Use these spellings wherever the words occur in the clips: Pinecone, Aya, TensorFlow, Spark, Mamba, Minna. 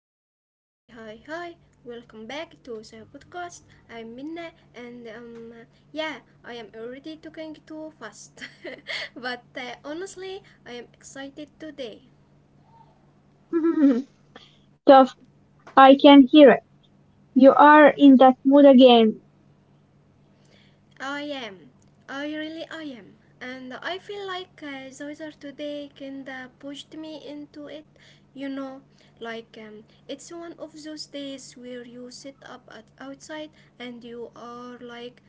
Okay, hi, hi, hi! Welcome back to the podcast. I'm Minna, and yeah, I am already talking too fast, but honestly, I am excited today. Tough, I can hear it. You are in that mood again. I am. I really I am. And I feel like the today kinda pushed me into it. You know, like it's one of those days where you sit up at outside and you are like,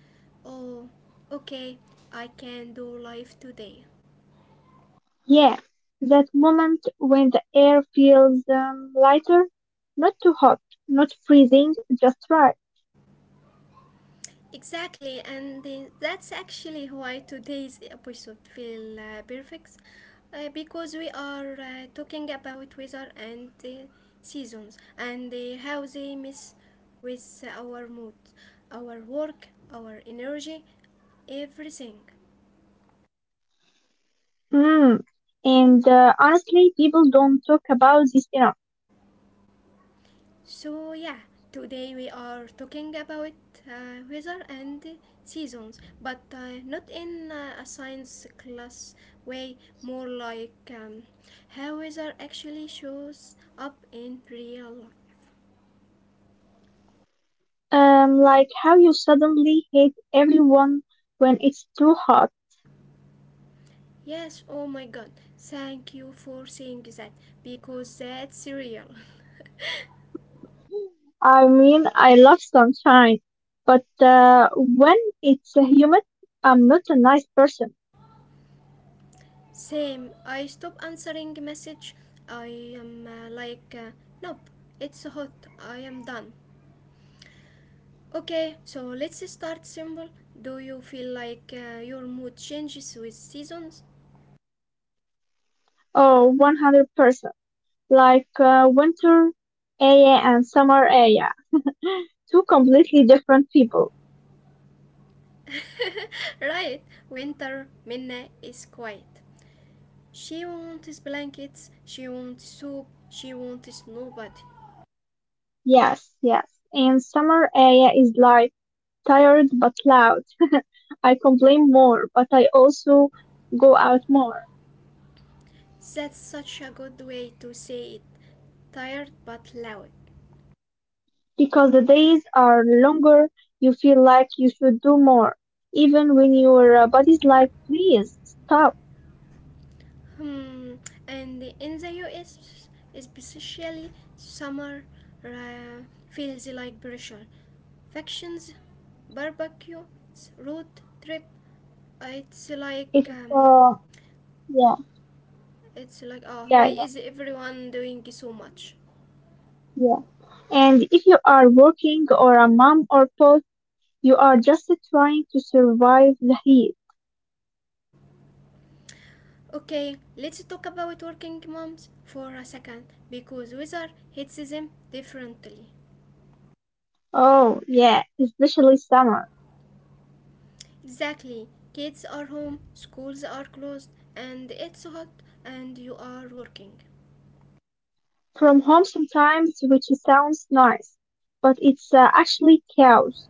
oh, okay, I can do life today. Yeah, that moment when the air feels lighter, not too hot, not freezing, just right. Exactly, and that's actually why today's episode feel perfect, because we are talking about weather and seasons and how they mess with our mood, our work, our energy, everything. Mm. And honestly, people don't talk about this enough. So yeah, today we are talking about weather and seasons, but not in a science class way, more like how weather actually shows up in real life. Like how you suddenly hate everyone when it's too hot. Yes, oh my god, thank you for saying that because that's real. I mean, I love sunshine, but when it's humid, I'm not a nice person. Same, I stop answering message. I am nope, it's hot, I am done. Okay, so let's start simple. Do you feel like your mood changes with seasons? Oh, 100%. Like winter Aya and summer Aya. Two completely different people. Right, winter, Minna is quiet. She wants blankets, she wants soup, she wants nobody. Yes, yes. And summer Aya is like tired but loud. I complain more, but I also go out more. That's such a good way to say it. Tired but loud. Because the days are longer, you feel like you should do more. Even when your body's like, please stop. Hmm, and in the US, especially summer uh, feels like pressure. Factions, barbecues, road trip, It's like It's, um, uh, yeah, it's like oh why yeah, yeah, is everyone doing so much? yeah. And if you are working or a mom or both, you are just trying to survive the heat. Okay, let's talk about working moms for a second because weather hits them differently. Oh, yeah, especially summer. Exactly. Kids are home, schools are closed, and it's hot and you are working. From home sometimes, which sounds nice, but it's actually chaos.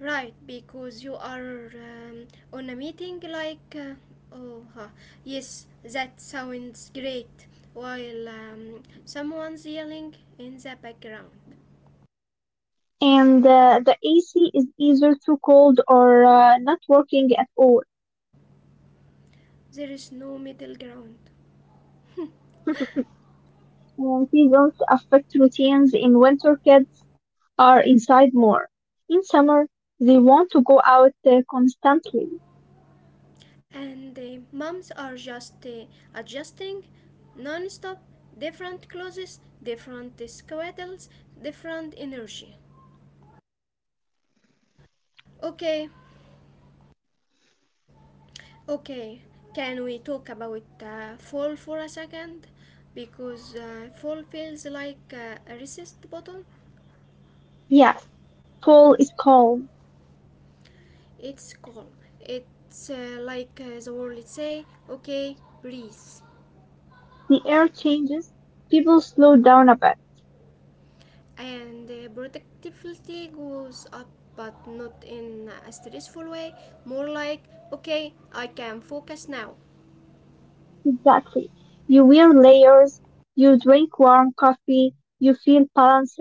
Right, because you are on a meeting like oh huh. Yes, that sounds great while someone's yelling in the background. And the AC is either too cold or not working at all. There is no middle ground. And seasons affect routines in winter kids are inside more. In summer, they want to go out constantly. And moms are just adjusting non-stop, different clothes, different schedules, different energy. Okay, okay. Can we talk about fall for a second? Because fall feels like a resist button. Yes, fall is calm. It's calm. It's the world say, okay, breathe. The air changes. People slow down a bit. And productivity goes up but not in a stressful way, more like okay I can focus now. Exactly. You wear layers, you drink warm coffee, you feel balanced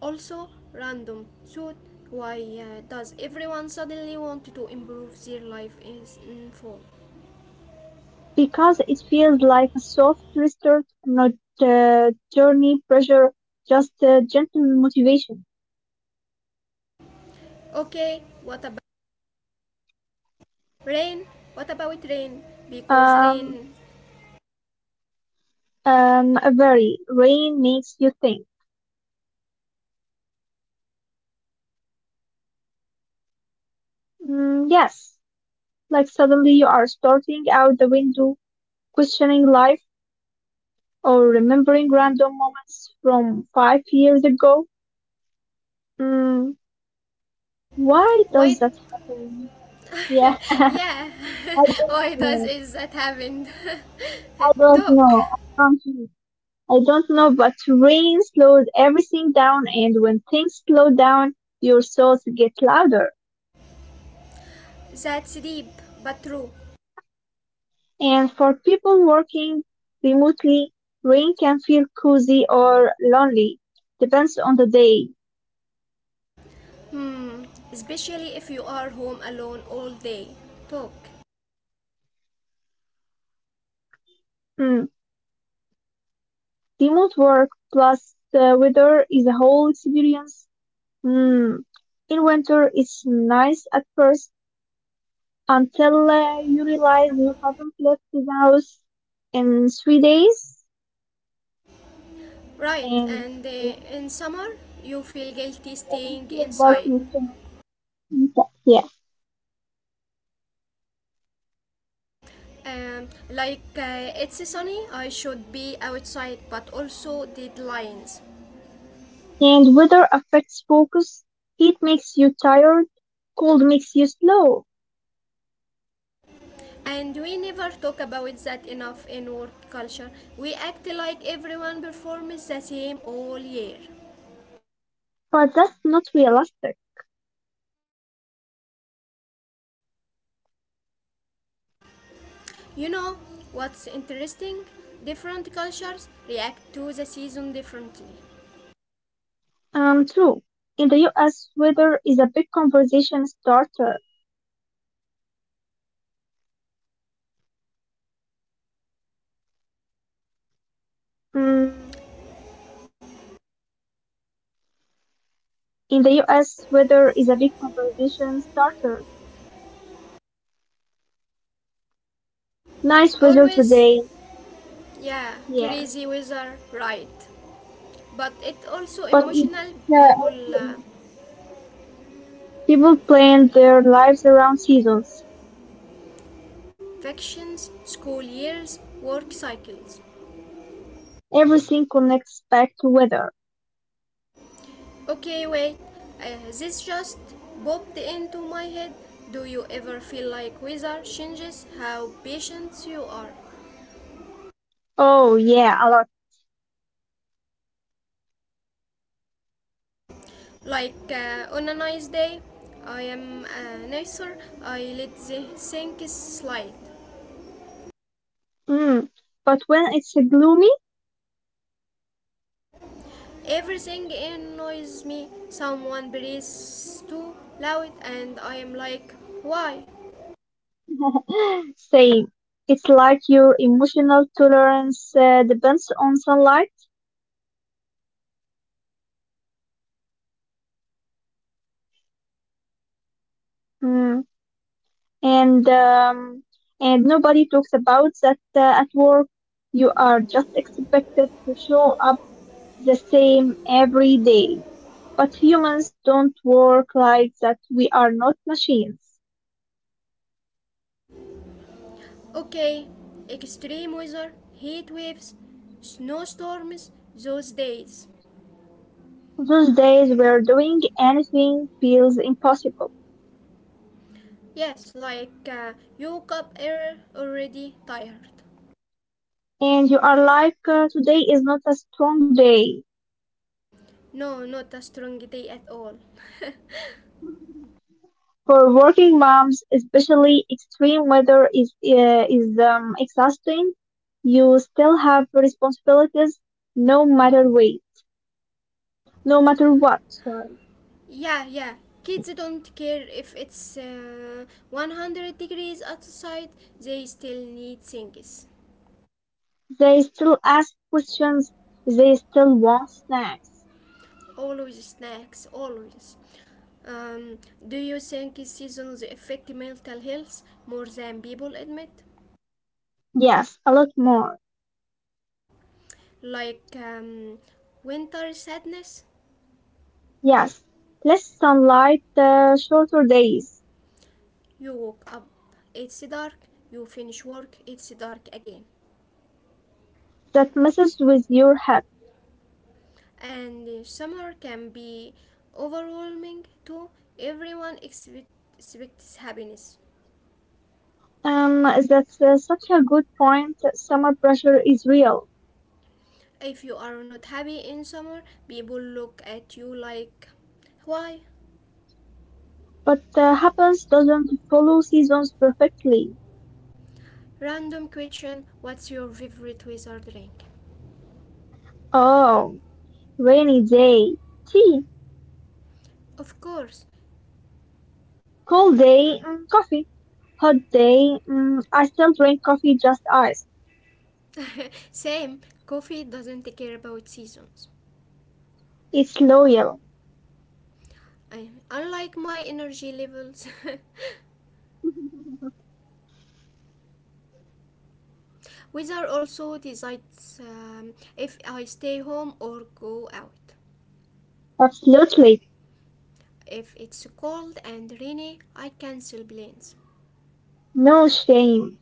Also random thought, why does everyone suddenly want to improve their life is in fall? because it feels like a soft restart, not journey pressure, just gentle motivation. Okay, what about rain rain, because Um, rain, a very rain makes you think. Mm, yes, like suddenly you are starting out the window, questioning life, or remembering random moments from 5 years ago. Mm, why does why? that happen? Yeah. I Yeah. don't Why does know. is that happen? I don't Talk. know. I don't know. I don't know, but rain slows everything down, and when things slow down, your thoughts get louder. That's deep but true. And for people working remotely, rain can feel cozy or lonely, depends on the day. Hmm, especially if you are home alone all day. Talk. Hmm. Remote work plus the weather is a whole experience. Hmm. In winter, it's nice at first until you realize you haven't left the house in 3 days. Right, And and in summer, you feel guilty staying your inside. darkness can- yeah It's sunny, I should be outside, but also deadlines. and weather affects focus, heat makes you tired, cold makes you slow. And we never talk about that enough in work culture. We act like everyone performs the same all year. But that's not realistic. You know what's interesting? Different cultures react to the season differently. True, in the US weather is a big conversation starter. Mm, in the us weather is a big conversation starter Nice weather Always. today. Yeah, Yeah, crazy weather, right. But it also but it's emotional people people plan their lives around seasons. factions, school years, work cycles. Everything connects back to weather. Okay, wait. This just popped into my head. Do you ever feel like weather changes how patient you are? Oh yeah, a lot. Like on a nice day, I am a nicer. I let the things slide. Mm. But when it's gloomy, Everything annoys me. Someone breathes too loud, and I am like, why? same. It's like your emotional tolerance depends on sunlight. Mm. And um, and nobody talks about that at work. You are just expected to show up the same every day. But humans don't work like that. We are not machines. Okay, extreme weather, heat waves, snowstorms, those days. Those days where doing anything feels impossible, Yes, like you woke up early, already tired. and you are like, today is not a strong day. No, not a strong day at all. For working moms, especially extreme weather is exhausting. You still have responsibilities, no matter way, no matter what. Sorry. Yeah, yeah. Kids don't care if it's 100 degrees outside, they still need things. They still ask questions. They still want snacks. Always snacks, always. Um, do you think seasons affect mental health more than people admit? Yes, a lot more. Like winter sadness, Yes, less sunlight, shorter days. you woke up, it's dark, you finish work, it's dark again. That messes with your head. And summer can be overwhelming too. Everyone expect, expects happiness. That's such a good point. Summer pressure is real, If you are not happy in summer, people look at you like, why? but happens doesn't follow seasons perfectly. Random question, what's your favorite weather drink? Oh, rainy day, tea, Of course. cold day, mm, coffee, hot day. Mm, I still drink coffee just iced. Same, coffee doesn't care about seasons. It's loyal. I, unlike my energy levels. Weather also decides if I stay home or go out. Absolutely, If it's cold and rainy, I cancel plans. no shame.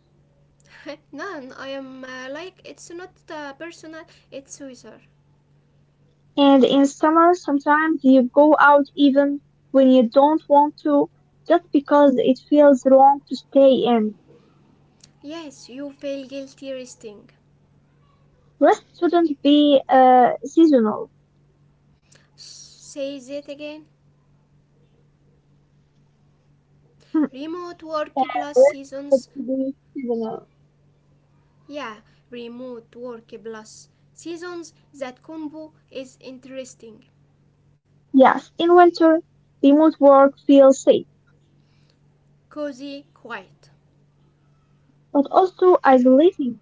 None, I am like it's not personal, it's weather. And in summer, sometimes you go out even when you don't want to, just because it feels wrong to stay in. Yes, you feel guilty resting. Rest shouldn't be seasonal. Say that again. Remote work plus Rest seasons. shouldn't be seasonal. Yeah, remote work plus seasons, that combo is interesting. Yes, in winter, remote work feels safe, Cozy, quiet. but also isolating.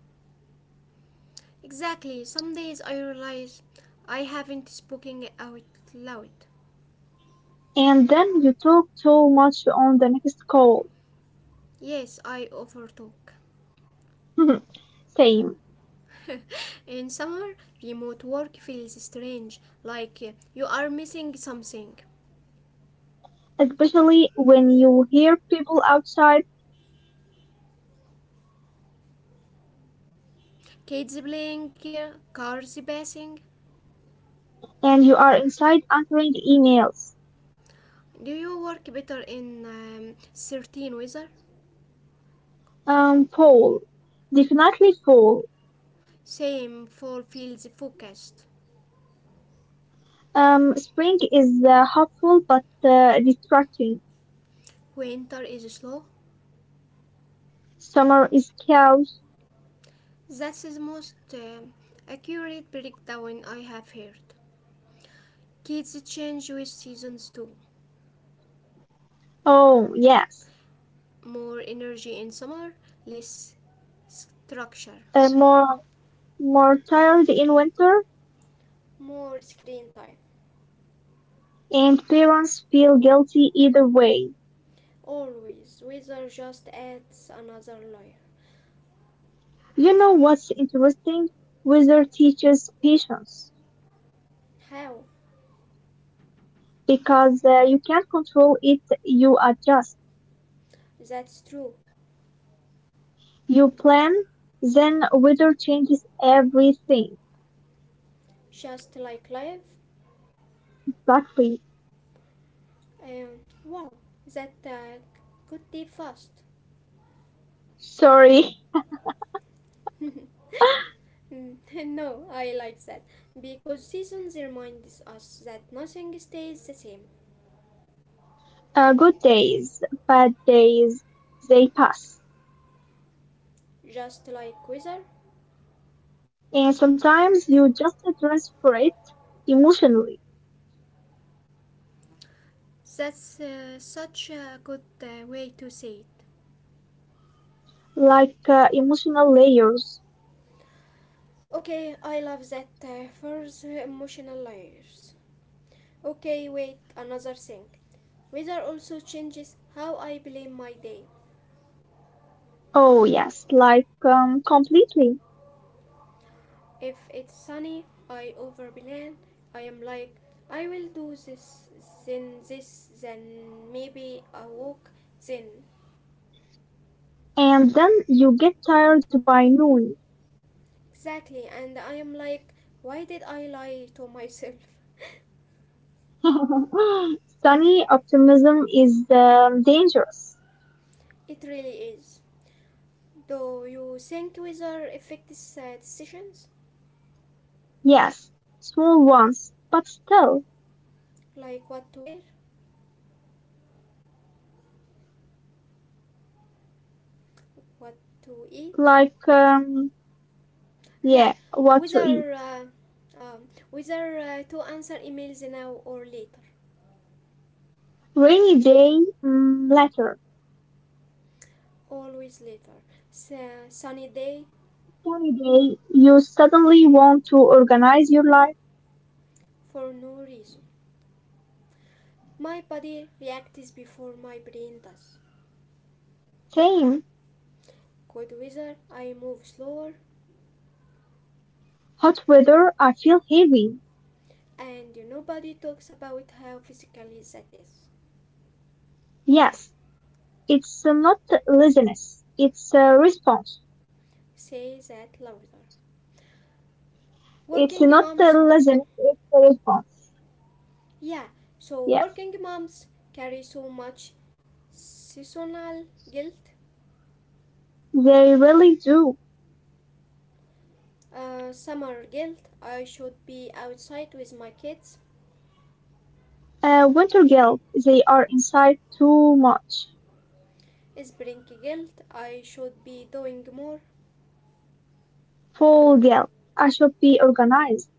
Exactly, some days I realize I haven't spoken out loud. And then you talk too much on the next call. Yes, I overtalk. Same, In summer, remote work feels strange, like you are missing something. especially when you hear people outside Kids playing, cars passing. and you are inside answering emails. Do you work better in certain weather? Fall, definitely fall. Same, fall feels focused. Spring is hopeful but distracting. Winter is slow. Summer is chaos. That's the most accurate breakdown I have heard. Kids change with seasons too. Oh, yes. More energy in summer, less structure. Uh, more, more tired in winter, More screen time. and parents feel guilty either way. Always. Weather just adds another layer. You know what's interesting? Weather teaches patience How? because you can't control it, you adjust. That's true. You plan, then weather changes everything. Just like life. Exactly. Wow, that could be fast. Sorry. Mm, no, I like that because seasons remind us that nothing stays the same, Good days, bad days, they pass. just like weather. And sometimes you just dress for it emotionally. That's such a good way to say it. Like emotional layers. Okay, I love that for the emotional layers. Okay, wait, another thing. Weather also changes how I plan my day. Oh, yes, like completely. If it's sunny, I overplan. I am like, I will do this, then maybe a walk, then… And then you get tired by noon. Exactly, and I am like, why did I lie to myself? Sunny optimism is dangerous. It really is. Do you think weather affects decisions? Yes, small ones, but still, Like what to wear, what to eat? like, um, Yeah, yeah, what to eat. weather, uh, weather to answer emails now or later. Rainy day, mm, later. Always later. Sunny day Sunny day, you suddenly want to organize your life. for no reason. My body reacts before my brain does. Same. Good weather, I move slower. Hot weather, I feel heavy. And nobody talks about how physically that is. Yes, it's not laziness. It's a response. Say that louder. It's Working not a moms, laziness. It's a response. yeah, so Yes, working moms carry so much seasonal guilt, they really do. Summer guilt, I should be outside with my kids, Winter guilt. They are inside too much. spring guilt, I should be doing more. Fall guilt. I should be organized.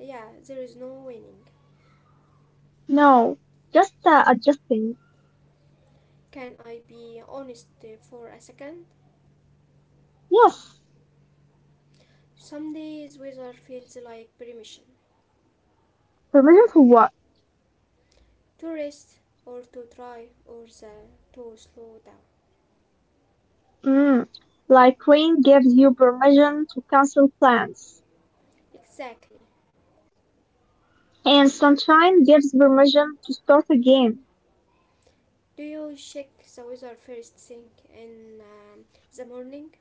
Yeah, there is no winning. No, just adjusting. Can I be honest for a second? Yes, Some days weather feels like permission permission for what? to rest or to try to slow down. Mm. Like rain gives you permission to cancel plans, Exactly. and sunshine gives permission to start again Do you check the weather first thing in the morning?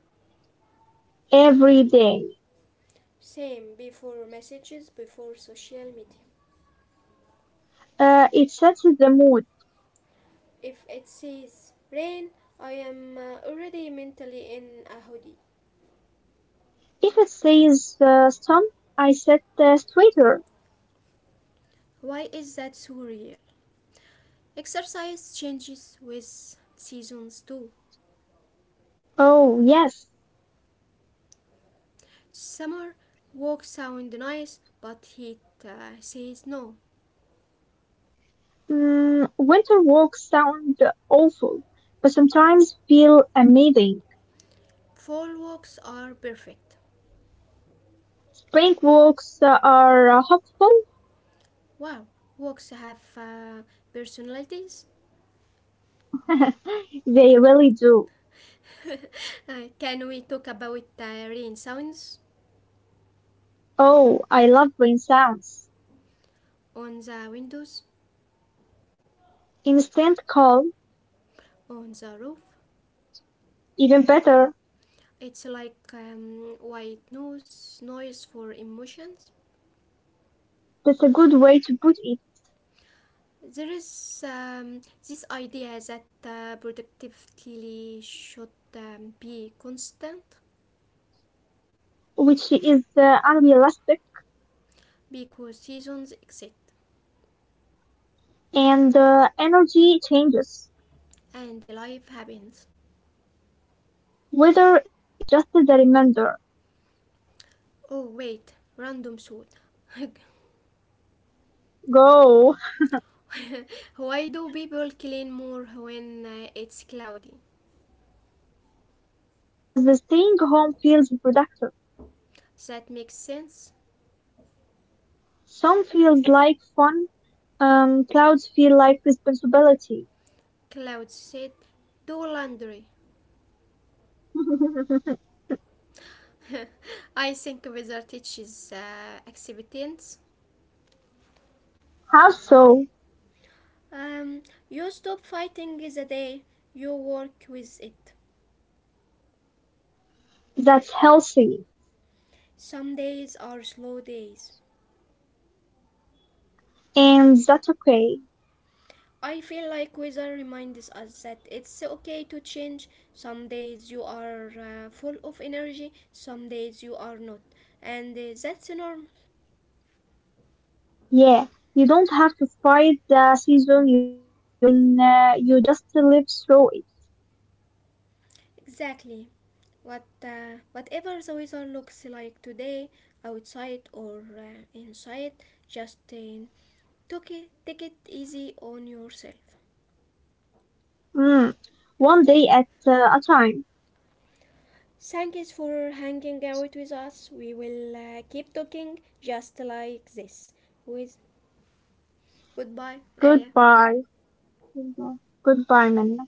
every day. Same, before messages, before social media. It sets the mood. If it says rain, I am already mentally in a hoodie. If it says stump, I sit straighter. Why is that so real? Exercise changes with seasons too. Oh, yes. Summer walks sound nice, but heat says no. Mm, winter walks sound awful, but sometimes feel amazing. Fall walks are perfect. Spring walks are hopeful. Wow, walks have personalities. They really do. Can we talk about the rain sounds Oh, I love rain sounds. on the windows, Instant calm, on the roof? even better. It's like noise for emotions. That's a good way to put it, There is this idea that productivity should be constant which is unrealistic because seasons exist and energy changes. and life happens. Weather is just the reminder. Oh wait, random thought. Go. Why do people clean more when it's cloudy? Because the staying home feels productive. That makes sense. Some feels like fun, clouds feel like responsibility. Clouds said, do laundry. I think weather teaches acceptance. How so? Um, you stop fighting the day, you work with it. That's healthy Some days are slow days. and that's okay. I feel like weather reminds us that it's okay to change. Some days you are full of energy, some days you are not. And that's normal. Yeah, you don't have to fight the season you are in, you just live through it. Exactly. Whatever the weather looks like today, outside or inside, just take it easy on yourself. Mm. One day at a time. Thanks for hanging out with us. We will keep talking just like this. With goodbye, Aya. Goodbye. Goodbye, Goodbye, Minna.